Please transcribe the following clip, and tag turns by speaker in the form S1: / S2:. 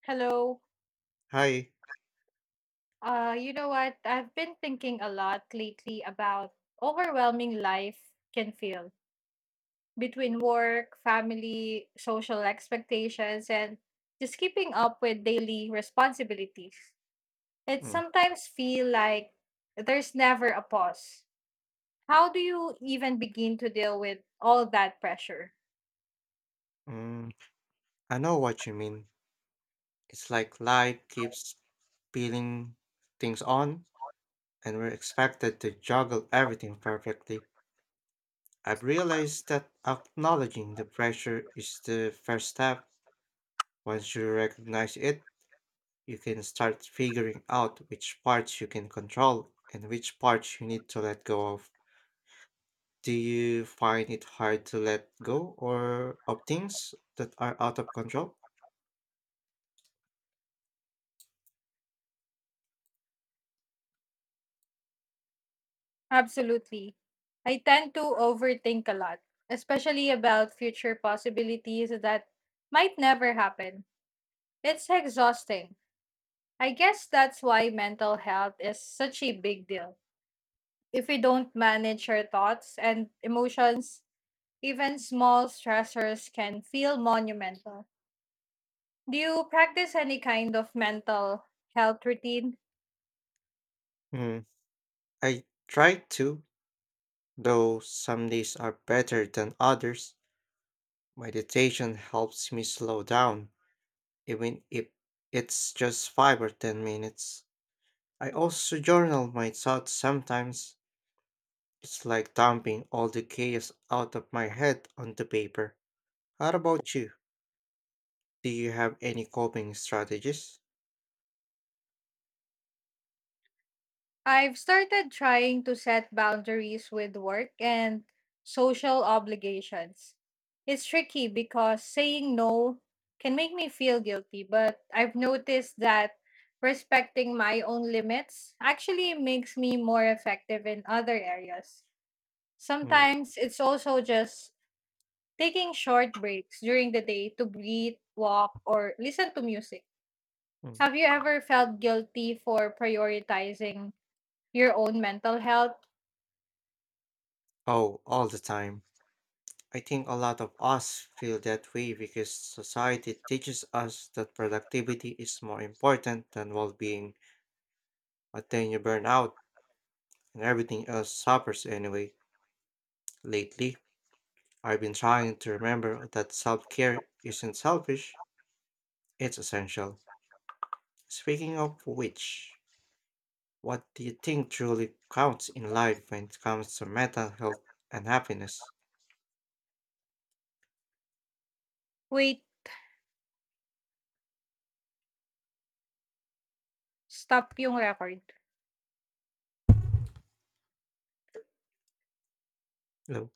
S1: Hello.
S2: Hi.
S1: You know what? I've been thinking a lot lately about overwhelming life can feel between work, family, social expectations, and just keeping up with daily responsibilities. It sometimes feel like there's never a pause. How do you even begin to deal with all that pressure?
S2: Mm-mm. I know what you mean. It's like life keeps peeling things on, and we're expected to juggle everything perfectly. I've realized that acknowledging the pressure is the first step. Once you recognize it, you can start figuring out which parts you can control and which parts you need to let go of. Do you find it hard to let go or of things that are out of control?
S1: Absolutely. I tend to overthink a lot, especially about future possibilities that might never happen. It's exhausting. I guess that's why mental health is such a big deal. If we don't manage our thoughts and emotions, even small stressors can feel monumental. Do you practice any kind of mental health routine?
S2: Hmm. I try to, though some days are better than others. Meditation helps me slow down, even if it's just 5 or 10 minutes. I also journal my thoughts sometimes. It's like dumping all the chaos out of my head onto paper. How about you? Do you have any coping strategies?
S1: I've started trying to set boundaries with work and social obligations. It's tricky because saying no can make me feel guilty, but I've noticed that respecting my own limits actually makes me more effective in other areas.
S2: Mm,
S1: Sometimes it's also just taking short breaks during the day to breathe, walk, or listen to music.
S2: mm.
S1: Have you ever felt guilty for prioritizing your own mental health?
S2: Oh, all the time. I think a lot of us feel that way because society teaches us that productivity is more important than well being. But then you burn out and everything else suffers anyway. Lately, I've been trying to remember that self care isn't selfish, it's essential. Speaking of which, what do you think truly counts in life when it comes to mental health and happiness?
S1: Wait, stop yung record.
S2: Hello?